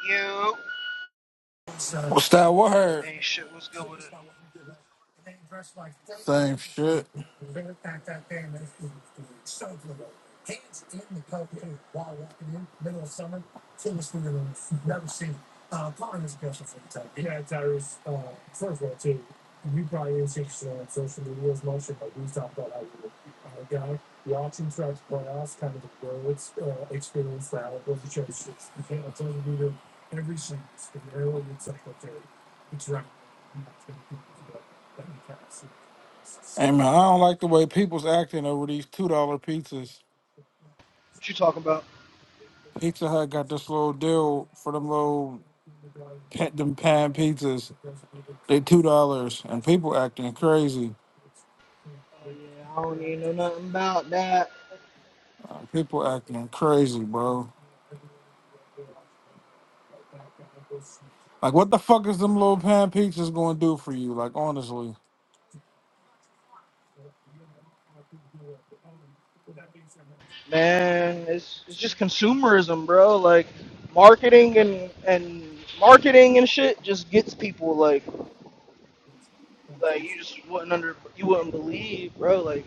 You What's that word? ain't shit. What's good with it? Same shit. Hey man, I don't like the way people's acting over these two dollar pizzas. What you talking about? Pizza Hut got this little deal for them little pet them pan pizzas. They two dollars, and people acting crazy. Oh yeah, I don't even know nothing about that. Uh, people acting crazy, bro. Like, what the fuck is them little pan pizzas going to do for you? Like, honestly, Man, it's it's just consumerism, bro. Like marketing and and marketing and shit just gets people like like you just wouldn't under you wouldn't believe, bro. Like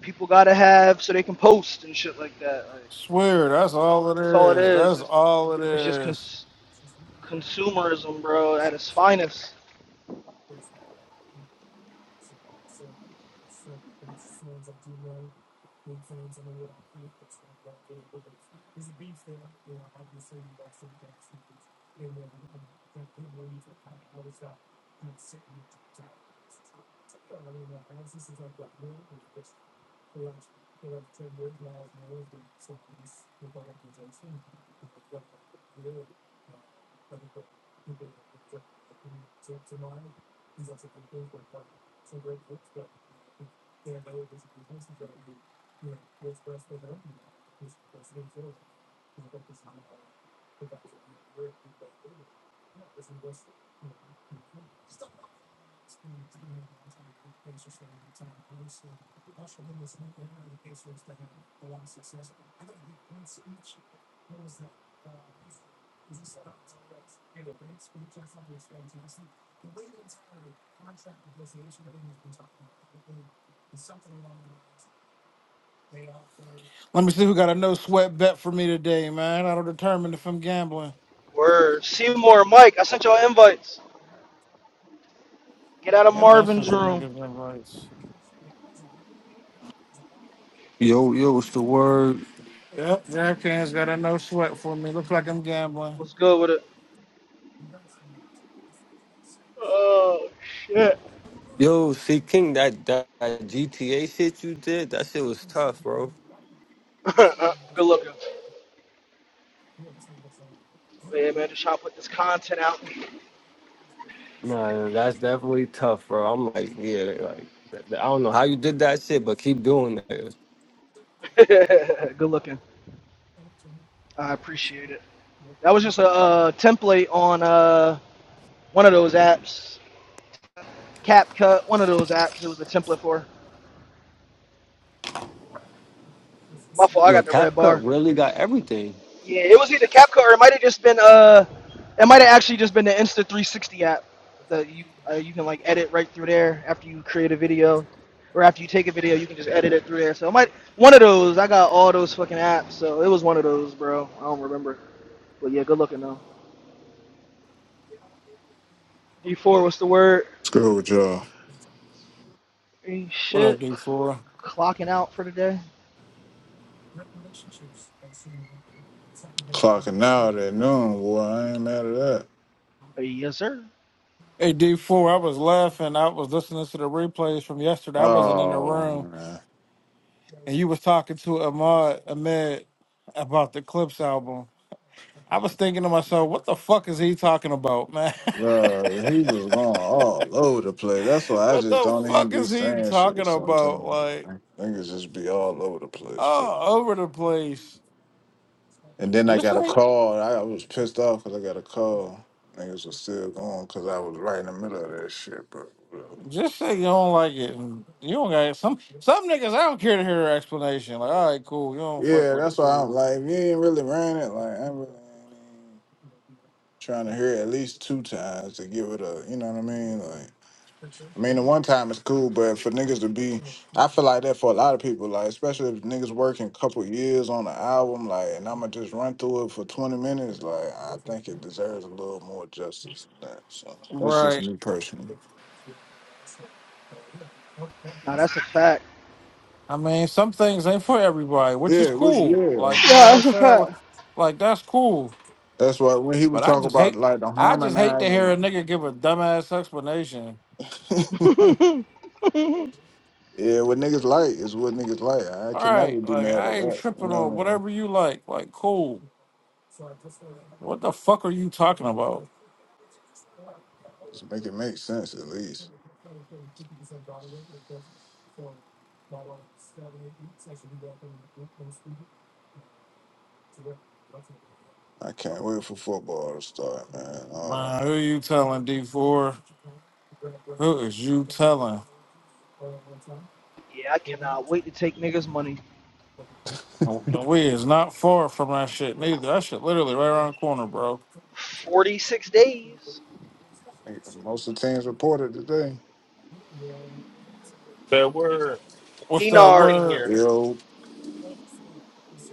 people gotta have so they can post and shit like that. Like swear that's all it that's all it is. is. That's It's, all it it's just is. cons- consumerism, bro, at its finest. Let me see who got a no sweat bet for me today, man. That'll determine if I'm gambling. Word. Seymour, Mike, I sent y'all invites. Get out of Yeah, Ben Marvin's sent them room. niggas invites. Yo, yo, what's the word? Yep, DraftKings got a no sweat for me. Looks like I'm gambling. What's good with it? Oh shit. Yo, see, King, that, that that GTA shit you did, that shit was tough, bro. Good looking. Yeah, man, just try to put this content out. Nah, that's definitely tough, bro. I'm like, yeah, like, I don't know how you did that shit, but keep doing that. Good looking. I appreciate it. That was just a uh, template on uh, one of those apps, CapCut, one of those apps. It was a template for. My fault. I Yo, got the red bar. CapCut really got everything. Yeah, it was either CapCut or it might have just been uh, it might have actually just been the Insta 360 app that you uh, you can like edit right through there after you create a video, or after you take a video you can just edit it through there. So it might one of those. I got all those fucking apps, so it was one of those, bro. I don't remember, but yeah, good looking though. D4, what's the word? Screw with y'all. Ain't What up, shit, D4? clocking out for the day. Clocking out at noon, boy. I ain't mad at that. Uh, yes, sir. Hey, D4, I was laughing. I was listening to the replays from yesterday. I wasn't in the Oh room, man. and you was talking to Ahmad Ahmed about the Clips album. I was thinking to myself, what the fuck is he talking about, man? Bro, he was going all over the place. That's why I what just the don't even fuck be is he saying shit talking about? sometimes, Like, man. Niggas just be all over the place. bro. all over the place. And then I Just got a like call. I I was pissed off because I got a call. Niggas was still going because I was right in the middle of that shit, but whatever. Just say you don't like it. and You don't got it. some some niggas. I don't care to hear their explanation. Like, all right, cool. You don't fuck Yeah, with it, that's why I'm cool. like, you ain't really ran it. Like, I really ain't even trying to hear it at least two times to give it a, you know what I mean? Like, I mean, the one time it's cool, but for niggas to be, I feel like that for a lot of people. Like, especially if niggas working a couple years on an album, like, and I'ma just run through it for twenty minutes. Like, I think it deserves a little more justice than that. So that's just Right. me personally. Nah, that's a fact. I mean, some things ain't for everybody, which is Yeah, which cool. yeah, Like, you know what Yeah, I'm that's a saying? Like, fact. like, that's cool. that's why when he was But I talking just about hate. like the I just hate to hear a harmonizing. nigga give a dumbass explanation. yeah, yeah, what niggas like is what niggas like. I All can never right, be like mad at I ain't that. You tripping know on what I mean? whatever you like. Like, cool. What the fuck are you talking about? Just make it make sense at least. I can't wait for football to start, man. Oh Man, who you telling D4? Who is you telling? I cannot wait to take niggas' money. And we is not far from that shit neither. That shit literally right around the corner, bro. 46 days. Nigga, Most of the teams reported today. Bad word. What's that Bad word Benar, in word? here. Yo,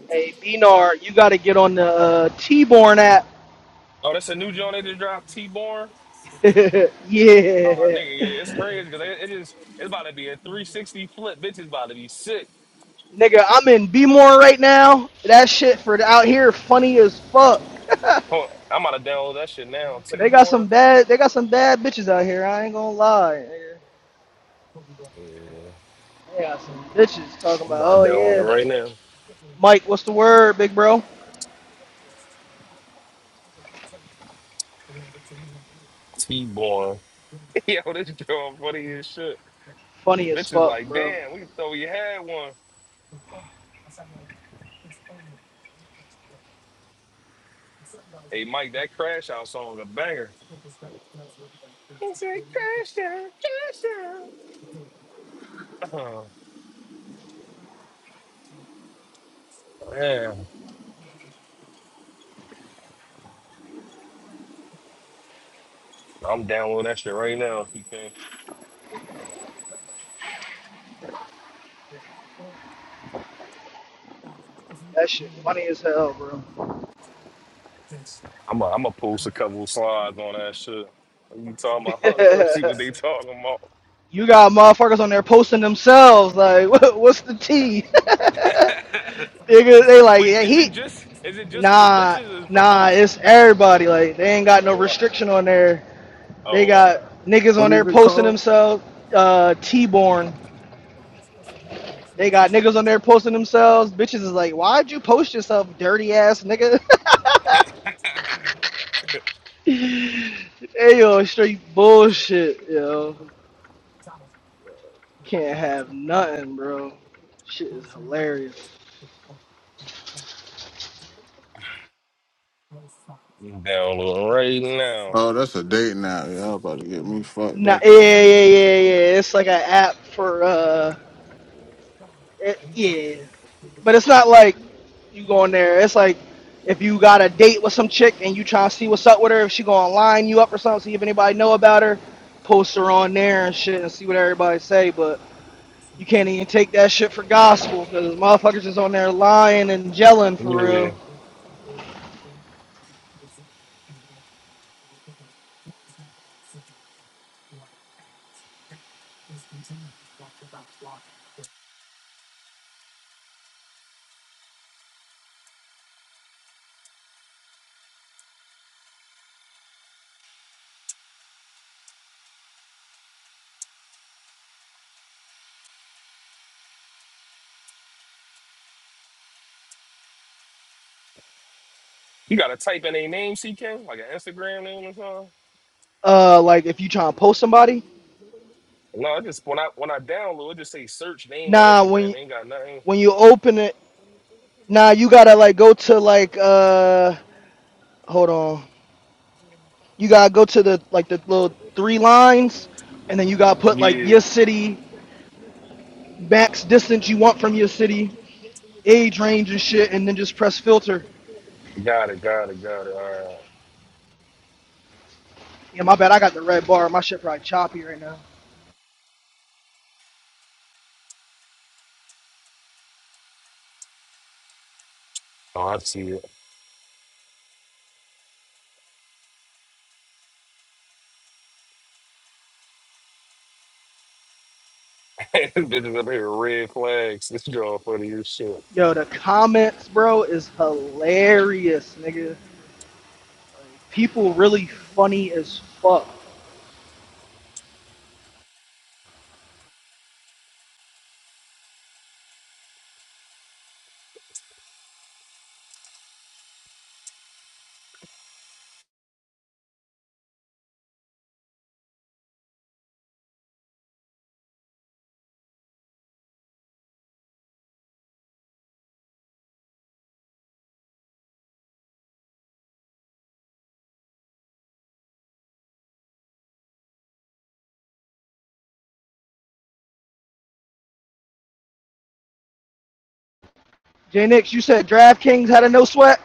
hey, Benar, you got to get on the uh, T-Born app. Oh, that's a new joint they just dropped, T-Born. Oh, nigga, yeah. yeah, it's crazy because it, it is, it's about to be a 360 flip. Bitch is about to be sick. Nigga, I'm in B-More right now. That shit for out here funny as fuck. but Hold on, I'm about to download that shit now. they got some T-Born. bad, they got some bad bitches out here. I ain't gonna lie. nigga. Yeah, They got some bitches talking I'm about, about oh to download it yeah. right now. Mike, what's the word, big bro? T-Born. Yo, this joint funny as shit. Funny as Bitch is fuck, like, bro. damn, we thought we had one. Hey, Mike, that Crash Out song a banger. It's like Crash Out, Crash Out. Oh, man. I'm downloading that shit right now if you can. That shit funny as hell, I'm a, I'm gonna i post a couple of slides on that shit. What you talking about? Let's bro. see what they talking about. You got motherfuckers on there posting themselves. Like, what, what's the tea? Nigga, they like, Wait, yeah, is it he, just is it just for the nah, bitches or is it for nah, both? it's everybody. Like, they ain't got no Oh, restriction on there. all right. They oh, got all niggas what on there is it posting called? themselves, uh, T-born. They got niggas on there posting themselves. Bitches is like, why'd you post yourself, dirty ass nigga? hey, yo, straight bullshit, yo. Can't have nothing, bro. Shit is hilarious. right. You download right now. Oh, that's a date now. Y'all about to get me fucked No, yeah, up yeah, out yeah, here. yeah. yeah. yeah. It's like an app for uh, it, yeah. But it's not like you go in there. It's like if you got a date with some chick and you trying to see what's up with her, if she gonna line you up or something, see if anybody know about her, post her on there and shit, and see what everybody say. But you can't even take that shit for gospel because motherfuckers is on there lying and gelling for Yeah, real. you gotta type in a name, CK, like an Instagram name or something. Uh, like if you trying to post somebody, No, I just when I when I download, it just say search name or nah. When Instagram. you, They ain't got nothing. when you open it, nah, you gotta like go to like uh, hold on. You gotta go to the like the little three lines, and then you gotta put like Yeah, your city, max distance you want from your city, age range and shit, and then just press filter. got it, got it, got it. All right. Yeah, my bad. I got the red bar. My shit probably choppy right now. Oh, I see it. Bitches up here, red flags. This is all funny as shit. Yo, the comments, bro, is hilarious, nigga. People really funny as fuck. J Nix, you said DraftKings had a no sweat.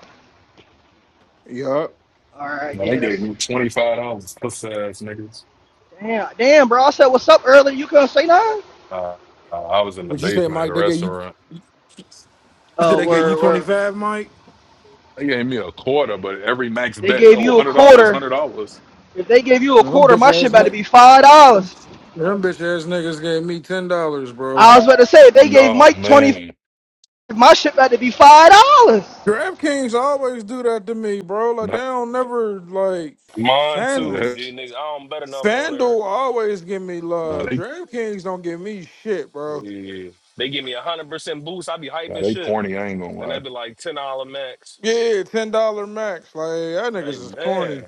Yeah. All right, Man, they yeah, gave that's me twenty five dollars, puss ass niggas. damn, damn, bro. I said what's up earlier. You couldn't say nothing. Uh, uh, I was in the What you say, basement at Mike? a They gave you restaurant. you said Oh, they gave you we're twenty we're five, Mike? They gave me a quarter, but every max They bet, gave oh, one you a hundred dollars, quarter hundred dollars. If they gave you a Them quarter, bitch my shit ass about to niggas. be five Them, dollars. them bitch ass niggas gave me ten dollars, bro. I was about to say if they gave No Mike twenty, man, my shit about to be five dollars DraftKings always do that to me, bro. Like they nah, don't never like Mine Fan too, that, G nigga. I don't bet enough on her. FanDuel always give me nah, love. they DraftKings don't give me shit, bro. Yeah. They give me a hundred percent boost. I be hype nah, as they shit. corny. I ain't gonna Then they lie. be like ten dollar max. Yeah, ten dollar max. Like that niggas Like is corny. man,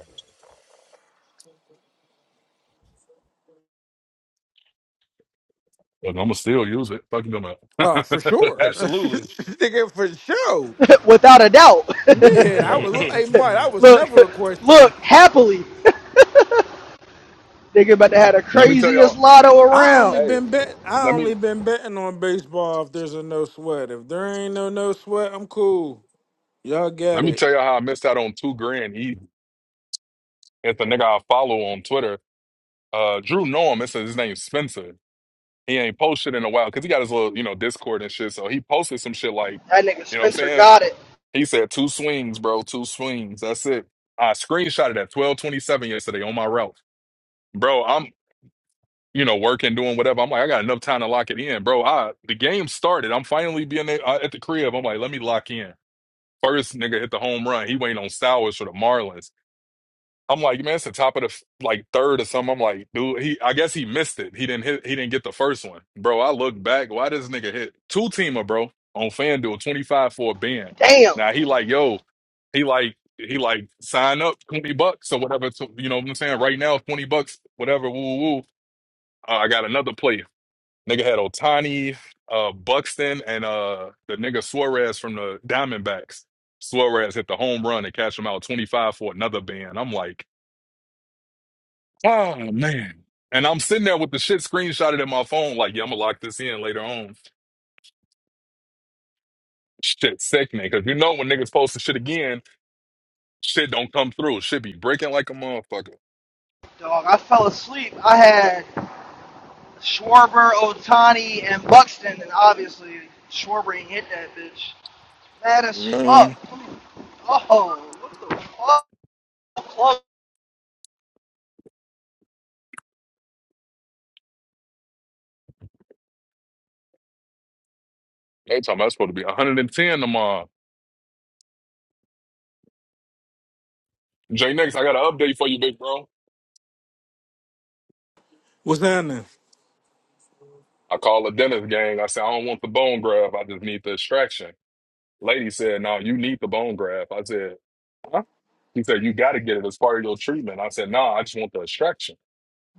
But I'm gonna still use it. Fuck them up. Oh, for sure. absolutely. Nigga, for sure. without a doubt. Yeah, I was look hey oh, Mike, that was look, never a look question. happily. Nigga about to have the let me tell y'all. craziest lotto I only around. Hey, been bet I let me only been betting on baseball if there's a no sweat. If there ain't no no sweat, I'm cool. Y'all get let me it. tell y'all how I missed out on two grand easy. It's the nigga I follow on Twitter. Uh, Drew Norm. It's his name Spencer. He ain't posted in a while because he got his little, you know, Discord and shit. So he posted some shit like, That nigga you know what I'm Spencer saying? got it. He said two swings, bro, two swings. That's it. I screenshotted at 1227 yesterday on my route. Bro, I'm, you know, working, doing whatever. I'm like, I got enough time to lock it in, bro. I the game started. I'm finally being there, uh, at the crib. I'm like, let me lock in. First nigga hit the home run. He waiting on Sowers for the Marlins. I'm like, man, it's the top of the f- like third or something. I'm like, dude, he I guess he missed it. He didn't hit he didn't get the first one. Bro, I look back. Why this nigga hit two teamer, bro, on FanDuel, 25 for a band. Damn. Now he like, yo, he like he like sign up 20 bucks or whatever. So, you know what I'm saying? Right now, 20 bucks, whatever, woo woo. woo. Uh, I got another player. Nigga had Otani, uh Buxton, and uh the nigga Suarez from the Diamondbacks. Suarez hit the home run and cashed him out 25 for another band. I'm like, Oh man. And I'm sitting there with the shit screenshotted in my phone, like, yeah, I'm gonna lock this in later on. Shit sickening. Cause you know when niggas post the shit again, shit don't come through. Shit be breaking like a motherfucker. Dog, I fell asleep. I had Schwarber, Otani, and Buxton, and obviously Schwarber ain't hit that bitch. Mad as fuck. Man. Oh, what the fuck? They talking about it's supposed to be 110 tomorrow. J next, I got an update for you, big bro. What's happening? I called the dentist gang. I said, I don't want the bone graft. I just need the extraction. Lady said, No, you need the bone graft. I said, Huh? He said, You gotta get it as part of your treatment. I said, nah, I just want the extraction.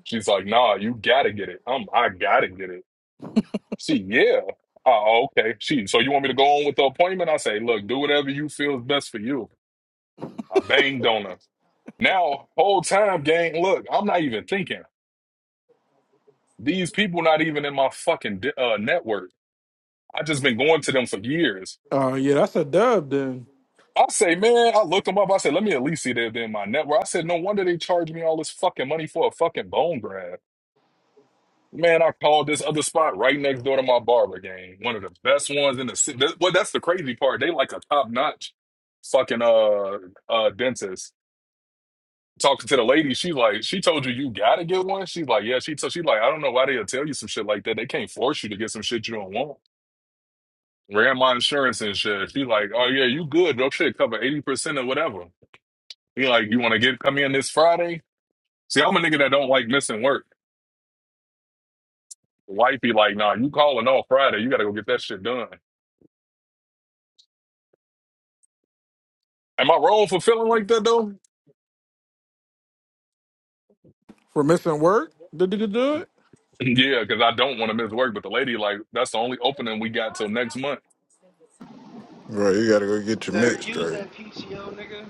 She's like, nah, you gotta get it. Um, I gotta get it. See, yeah. Oh, okay. She, so you want me to go on with the appointment? I say, look, do whatever you feel is best for you. I banged on her. Now, whole time, gang, look, I'm not even thinking. These people not even in my fucking di- uh, network. I just been going to them for years. Oh yeah, that's a dub then. I say, man, I looked them up. I said, let me at least see that they're in my network. I said, no wonder they charge me all this fucking money for a fucking bone graft. Man, I called this other spot right next door to my barber game. One of the best ones in the city. Well, that's the crazy part. They like a top notch fucking uh uh dentist. Talking to the lady, she like, she told you you gotta get one. She's like, yeah, she told she like, I don't know why they'll tell you some shit like that. They can't force you to get some shit you don't want. Ran my insurance and shit. She like, oh yeah, you good, bro. Shit cover eighty percent or whatever. He like, you wanna get come in this Friday? See, I'm a nigga that don't like missing work. Wifey like, nah, you calling all Friday. You gotta go get that shit done. Am I wrong for feeling like that though? For missing work? Did you do it? Yeah, because I don't want to miss work. But the lady, like, that's the only opening we got till next month. Bro, you gotta go get your They're mitt using straight. PTO, nigga.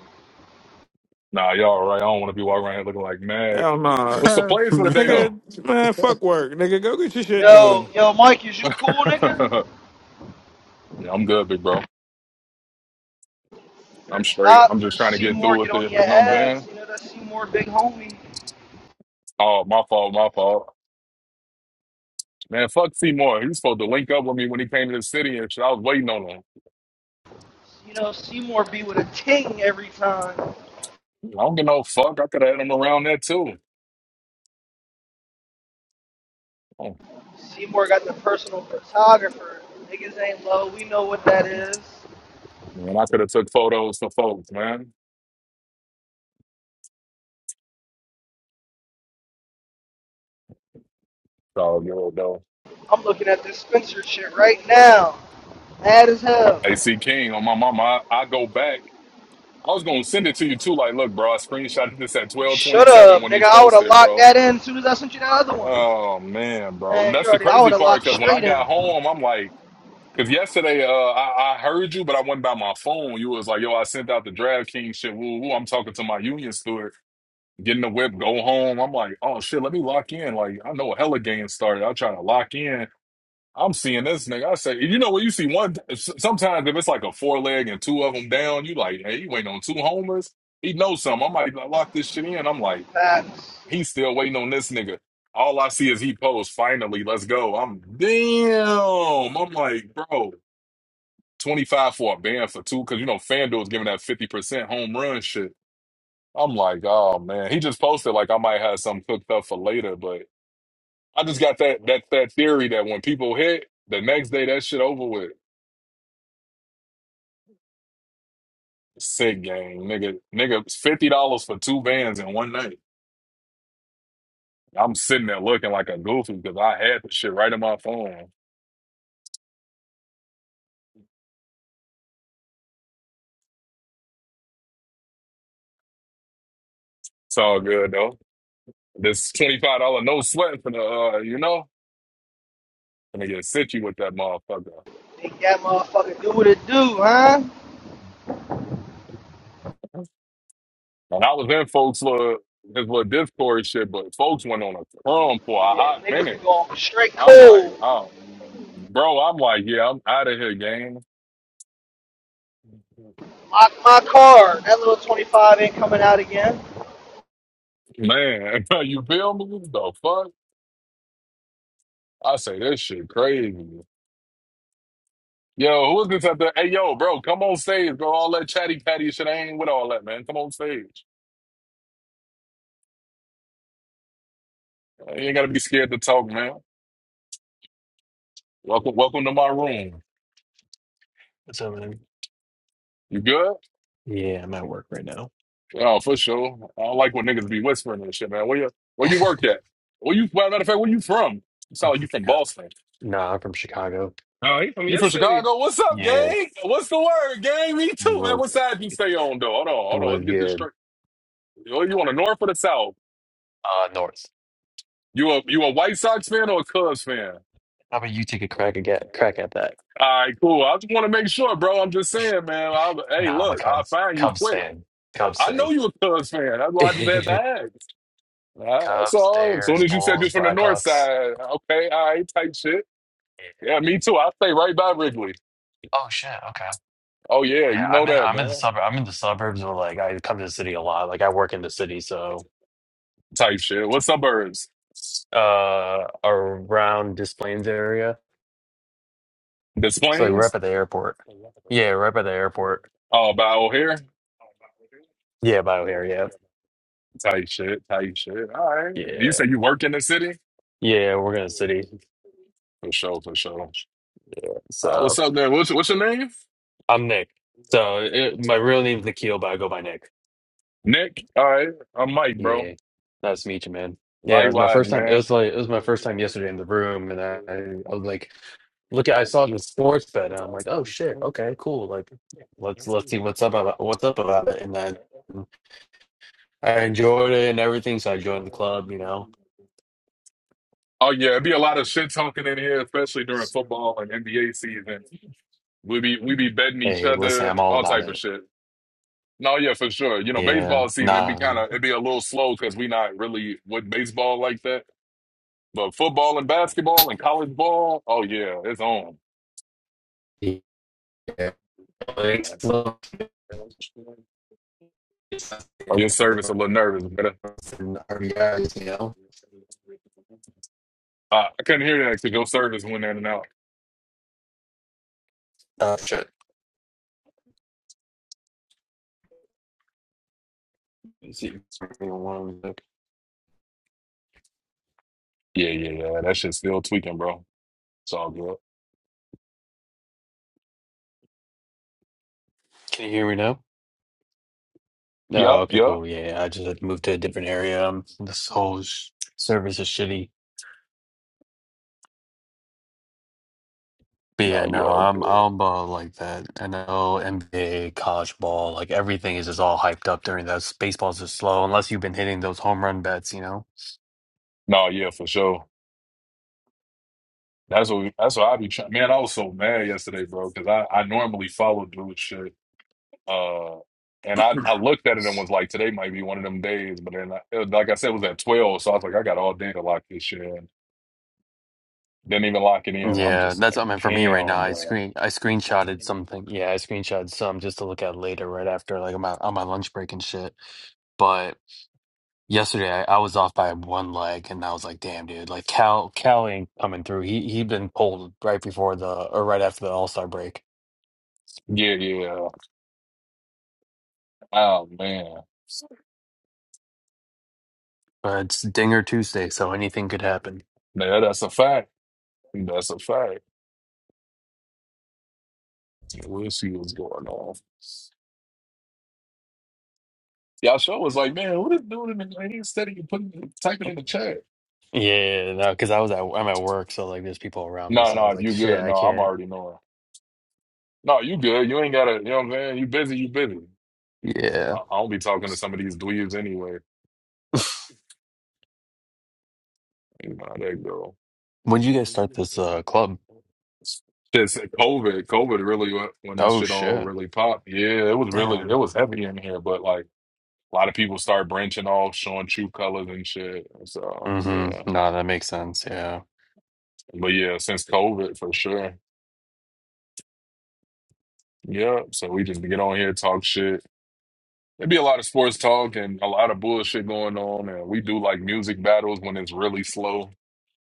Nah, y'all all right. I don't want to be walking around here looking like mad. Hell no. What's the plays for the day Nigga, though? man, Man. fuck work. Nigga, go get your shit Yo, done. yo, Mike, is you cool, nigga? yeah, I'm good, big bro. Or I'm straight. stop I'm for just trying to get Seymour, through get with on it. your You know what I'm ass. saying? You know that Seymour big homie. Oh, my fault, my fault. Man, fuck Seymour. He was supposed to link up with me when he came to the city and shit. I was waiting on him. You know Seymour be with a ting every time. I don't get no fuck. I could have had him around there too. Oh, Seymour got the personal photographer. Niggas ain't low. We know what that is. Man, I could have took photos for folks, man. It's all good, though. I'm looking at this Spencer shit right now. Mad as hell. AC King on my mama. I, I go back. I was gonna send it to you too. Like, look, bro, I screenshotted this at twelve twenty Shut seven up, when he nigga. I would have posted, locked bro. that in as soon as I sent you that other one. Oh man, bro, Man, you that's the already. I would crazy have part. locked Because when I straight in. got home, I'm like, because yesterday, uh, I, I heard you, but I went by my phone. You was like, yo, I sent out the DraftKings shit. Woo, woo. I'm talking to my union steward, getting the whip, go home. I'm like, oh shit, let me lock in. Like, I know a hella game started. I try to lock in. I'm seeing this nigga. I say, you know what? You see one. s- Sometimes if it's like a four leg and two of them down, you like, hey, he waiting on two homers. He knows something. I might lock this shit in. I'm like, Facts. he's still waiting on this nigga. All I see is he posts. Finally, let's go. I'm damn. I'm like, bro, 25 for a ban for two because you know FanDuel's giving that 50 percent home run shit. I'm like, oh man. He just posted like I might have something cooked up for later, but I just got that that that theory that when people hit the next day, that shit over with. Sick game, nigga. Nigga, fifty dollars for two bands in one night. I'm sitting there looking like a goofy because I had the shit right in my phone. It's all good though. This twenty five dollar no sweat for the uh, you know, gonna get sit you with that motherfucker. Make that motherfucker do what it do, huh? And I was in folks little his little Discord shit, but folks went on a crumb for a Yeah, hot niggas been minute. going straight I'm like, cool. oh, bro, I'm like, yeah, I'm out of here, game. Lock my car. That little 25 ain't coming out again. Man, you feel me? The fuck? I say this shit crazy. Yo, who is this out there? Hey, yo, bro, come on stage, bro. All that chatty patty shit, I ain't with all that, man. Come on stage. You ain't gotta be scared to talk, man. Welcome, welcome to my room. What's up, man? You good? Yeah, I'm at work right now. Oh, for sure. I don't like when niggas be whispering and shit, man. Where you where you work at? Where you well, matter of fact, where you from? You sound I'm like you from from Chicago. Boston. Nah, I'm from Chicago. he from You your from city. Chicago? What's up, Yeah, gang? What's the word, gang? Me too, man. work What side you stay on though? Hold on, hold on. was Let's get this good. straight. Yo, You on the north or the south? Uh, North. You a you a White Sox fan or a Cubs fan? How about you take a crack at get, crack at that? All right, cool. I just want to make sure, bro. I'm just saying, man. I, hey, Nah, I'm a look, I'll Cubs find you Cubs quick. fan. Cubs I fan. know you a Cubs fan. That's why I just had to ask. All right, that's Cubs, all. As soon Bears, as you said you're Bulls, from the north Blackhawks. side, okay, all right, type shit. Yeah. Yeah, me too. I stay right by Wrigley. Oh shit. Okay. Oh, yeah, Yeah, you know I'm in. that, I'm in the man. suburb. I'm in the suburbs, but like I come to the city a lot. Like I work in the city, so Type shit. What suburbs? uh, around Des Plaines area. Des So like, right Plaines? by the airport. Yeah, right by the airport. Oh, by O'Hare? Yeah, BioHair. Type shit, type shit. All right. Yeah, You yeah, say you work in the city? yeah. We're gonna city. For sure, for sure. Uh, what's So up there? What's what's your name? I'm Nick. So it, my real name's Nikhil, but I go by Nick. Nick. All right, I'm Mike, bro. Yeah, nice to meet you, man. Yeah, it was my Likewise, first time. It man. was like it was my first time yesterday in the room, and I, I was like, look, at I saw the sports bet, and I'm like, oh shit, okay, cool. Like, let's let's see what's up about what's up about it, and then I enjoyed it and everything. So I joined the club, you know. Oh yeah, it'd be a lot of shit talking in here, especially during football and NBA season. We be we be betting each Hey, listen, other, I'm all all about type of it. shit. No, yeah, for sure. You know, Yeah, baseball season it'd be nah. kind of it'd be a little slow because we not really with baseball like that. But football and basketball and college ball, oh yeah, it's on. Yeah. Oh, It's little- it's- your service a little nervous, brother? and RBIs, you know? uh, I couldn't hear that because your service went in and out. Oh, shit. Let's see. One sec. Yeah, yeah, yeah. That shit's still tweaking, bro. It's all good. Can you hear me now? No, Yup, okay, yup. cool. Yeah, yeah. I just had to move to a different area. Um, this whole sh service is shitty. But No, yeah, you no, all I'm good. I'm about like that. I know NBA, college ball, like everything is just all hyped up during those. Baseball's just slow unless you've been hitting those home run bets, you know? No, yeah, for sure. That's what that's what I be trying. Man, I was so mad yesterday, bro, because I I normally follow dude shit. Uh, and I, I looked at it and was like, today might be one of them days. But then, I, it was- like I said, it was at 12. So I was like, I got all day to lock this shit in. Didn't even lock it in. I'm Yeah, just that's like, what I mean for me right now. damn, I bro. screen I screenshotted something. Yeah, I screenshotted some just to look at later, right after like on my on my lunch break and shit. But yesterday I, I was off by one leg, and I was like, damn, dude, like Cal Cal ain't coming through. He he'd been pulled right before the or right after the All Star break. Yeah, yeah. Oh, man. But it's Dinger Tuesday, so anything could happen. Man, that's a fact. That's a fact. Yeah, We'll see what's going on. Y'all show was like, man, what is doing in the lane Instead of you putting typing in the chat. Yeah, no, because I was at I'm at work, so like there's people around me, No, so I no, was like, you shit, good. I No, I'm can't. already knowing. No, you good. You ain't gotta, you know what I'm saying? You busy, you busy. I, Yeah. I don't be talking to some of these dweebs anyway. Nah, there you go. When did you guys start this uh club? Just COVID, COVID really went- when this Oh shit all shit. really popped. Yeah, it was really Damn. it was heavy in here, but like a lot of people started branching off, showing true colors and shit. So yeah, Mm-hmm. No, that makes sense. Yeah. but yeah, since COVID for sure. Yeah, so we just get on here talk shit. There'd be a lot of sports talk and a lot of bullshit going on, and we do like music battles when it's really slow.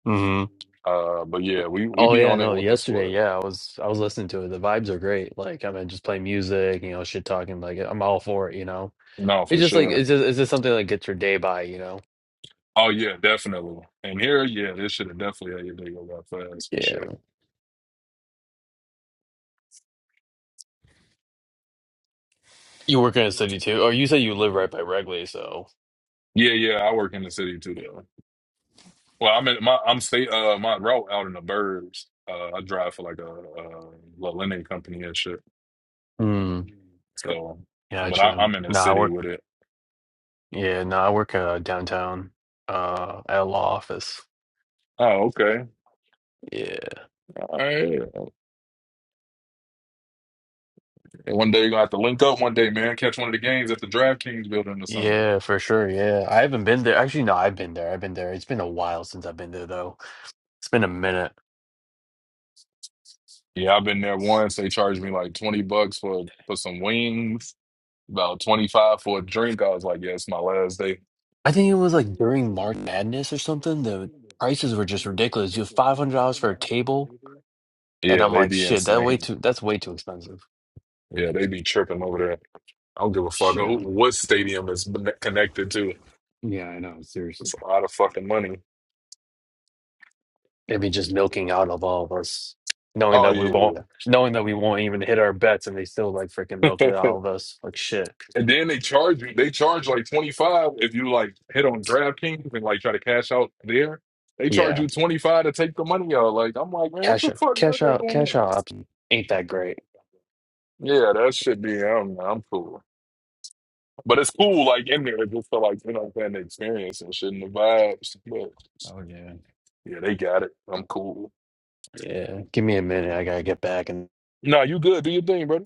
hmm Uh, but yeah, we we Oh be yeah, on it no, with the yesterday, sports. yeah, I was I was listening to it. The vibes are great. Like, I mean, just play music, you know, shit talking, like I'm all for it, you know. No, It's for just like sure. it's just it's just something that gets your day by, you know. Oh yeah, definitely. And here, yeah, this should have definitely had your day go by fast for Yeah. sure. You work in a city too. Or you say you live right by Wrigley, so Yeah, yeah, I work in the city too though. Well, I'm in my I'm stay uh my route out in the burbs. Uh, I drive for like a, uh little lending company and shit. Mm, So, but I, gotcha. I'm in the No, I city work with it. yeah, no, I work uh downtown uh at a law office. Oh, okay. Yeah. All right. And one day you're gonna have to link up one day, man. Catch one of the games at the DraftKings building or something. Yeah, for sure. Yeah. I haven't been there. Actually, no, I've been there. I've been there. It's been a while since I've been there though. It's been a minute. Yeah, I've been there once. They charged me like 20 bucks for for some wings, about 25 for a drink. I was like, yeah, it's my last day. I think it was like during March Madness or something. The prices were just ridiculous. You have five hundred dollars for a table, and Yeah, I'm they like, be shit, that way insane. too. That's way too expensive. Yeah, they be tripping over there. I don't give a fuck who, Shit, what stadium it's been connected to. Yeah, I know. Seriously. It's a lot of fucking money. maybe just milking out of all of us, knowing Oh that we won't, yeah. knowing that we won't even hit our bets, and they still like freaking milk it out of us. Like shit. And then they charge you. They charge like twenty five if you like hit on DraftKings and like try to cash out there. They charge Yeah, you twenty five to take the money out. Like I'm like, man, what cash the out, fuck y'all cash got out, going cash on? out option ain't that great. Yeah, that should be. I'm I'm cool, but it's cool. Like in there, just for like you know, what I'm saying the experience and shit and the vibes. But Oh yeah. yeah, they got it. I'm cool. Yeah, give me a minute. I gotta get back and. Nah, you good? Do your thing, brother.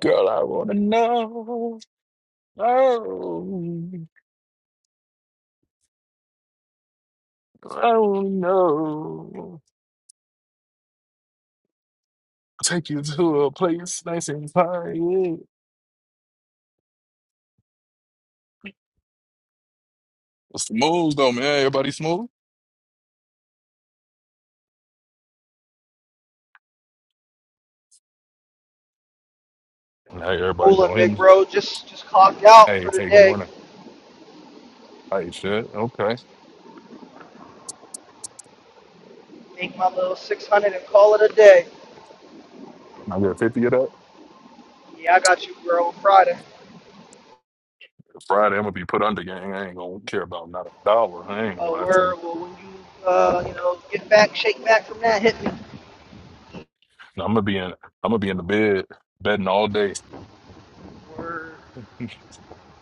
Girl, I wanna know. Oh, I wanna know. Take you to a place nice and quiet. What's the moves though, man? Everybody smooth? Hey, everybody Coolin', don't hear big me. bro. Just just clocked out Hey, for the hey, good day. morning. Hey, shit. Okay. Make my little 600 and call it a day. I got 50 of that. Yeah, I got you, bro. Friday. Friday, I'm gonna be put under gang. I ain't gonna care about not a dollar. I ain't gonna Oh, lie to word. you. Well, when you uh, you know get back, shake back from that, hit me. And I'm gonna be in I'm gonna be in the bed, betting all day, Word.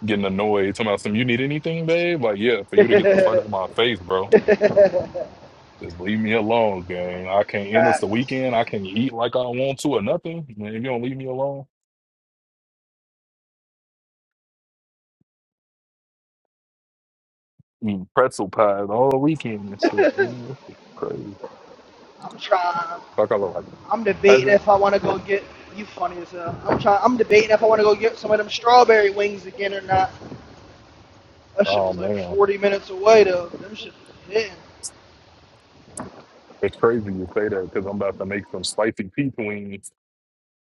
getting annoyed, talking about some you need anything, babe? Like, yeah, for you to get the fuck out of my face, bro. Just leave me alone, gang. I can't end this the Facts. weekend. I can't eat like I want to or nothing. Man, if you don't leave me alone. eating pretzel pies all weekend and shit, man. This is crazy. I'm trying. Fuck, I look like I'm a debating peasant. if I want to go get. You funny as hell. I'm trying. I'm debating if I want to go get some of them strawberry wings again or not. That shit Oh was like man, 40 minutes away though. Them shit was hitting. it's crazy you say that because I'm about to make some spicy pea wings,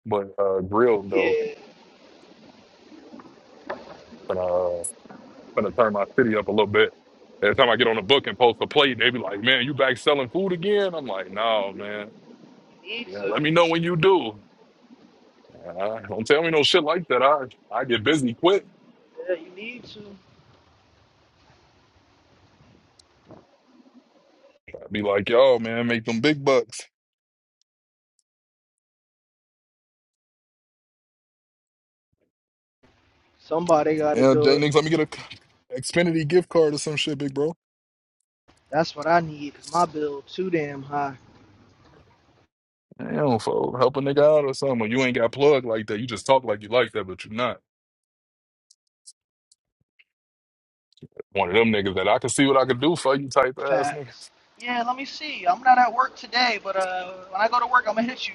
but uh, grilled though. Yeah, Gonna uh, gonna turn my city up a little bit. Every time I get on the book and post a plate, they be like, "Man, you back selling food again?" I'm like, "No, man. you need Yeah, to. let me know when you do." Uh, don't tell me no shit like that. I I get busy quick. Yeah, you need to. I'd be like, "Yo, man, make them big bucks." Somebody got to Yeah, do J it. Nix, let me get a Xfinity gift card or some shit, big bro. That's what I need because my bill too damn high. Damn, for help a nigga out or something. Or you ain't got plugged like that. You just talk like you like that, but you're not. One of them niggas that I can see what I can do for you type ass nigga. Facts. Yeah, let me see. I'm not at work today, but uh, when I go to work, I'm gonna hit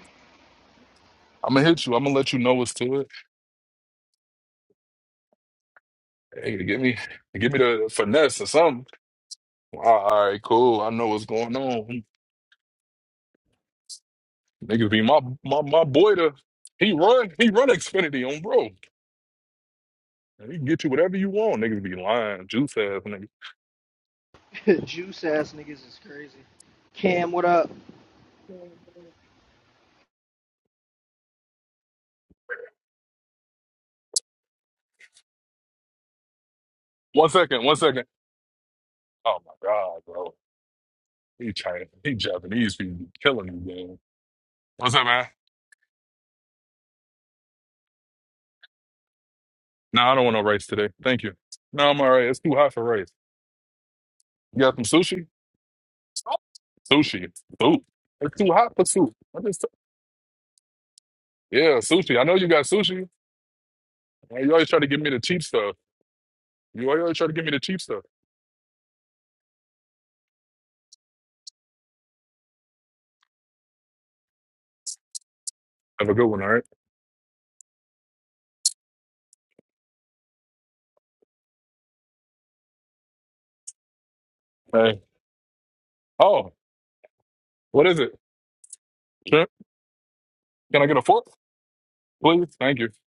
I'm gonna hit you. I'm gonna let you know what's to it. Hey, give me, give me the finesse or something. All all right, cool. I know what's going on. Niggas be my my my boy. To he run, he run Xfinity on bro. He can get you whatever you want. Niggas be lying, juice ass nigga. you. Juice ass niggas is crazy. Cam, what up? One second, one second. Oh my god, bro. He China, he Japanese people killing me, man. What's up, man? No, I don't want no rice today. Thank you. No, I'm all right. It's too hot for rice. You got some sushi? Sushi. Soup. It's too hot for soup. I just yeah, sushi. I know you got sushi. You always try to give me the cheap stuff. You always try to give me the cheap stuff. Have a good one, all right? Hey. Oh, what is it? Shrimp? Can I get a fork? Please? Thank you.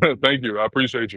Thank you. I appreciate you.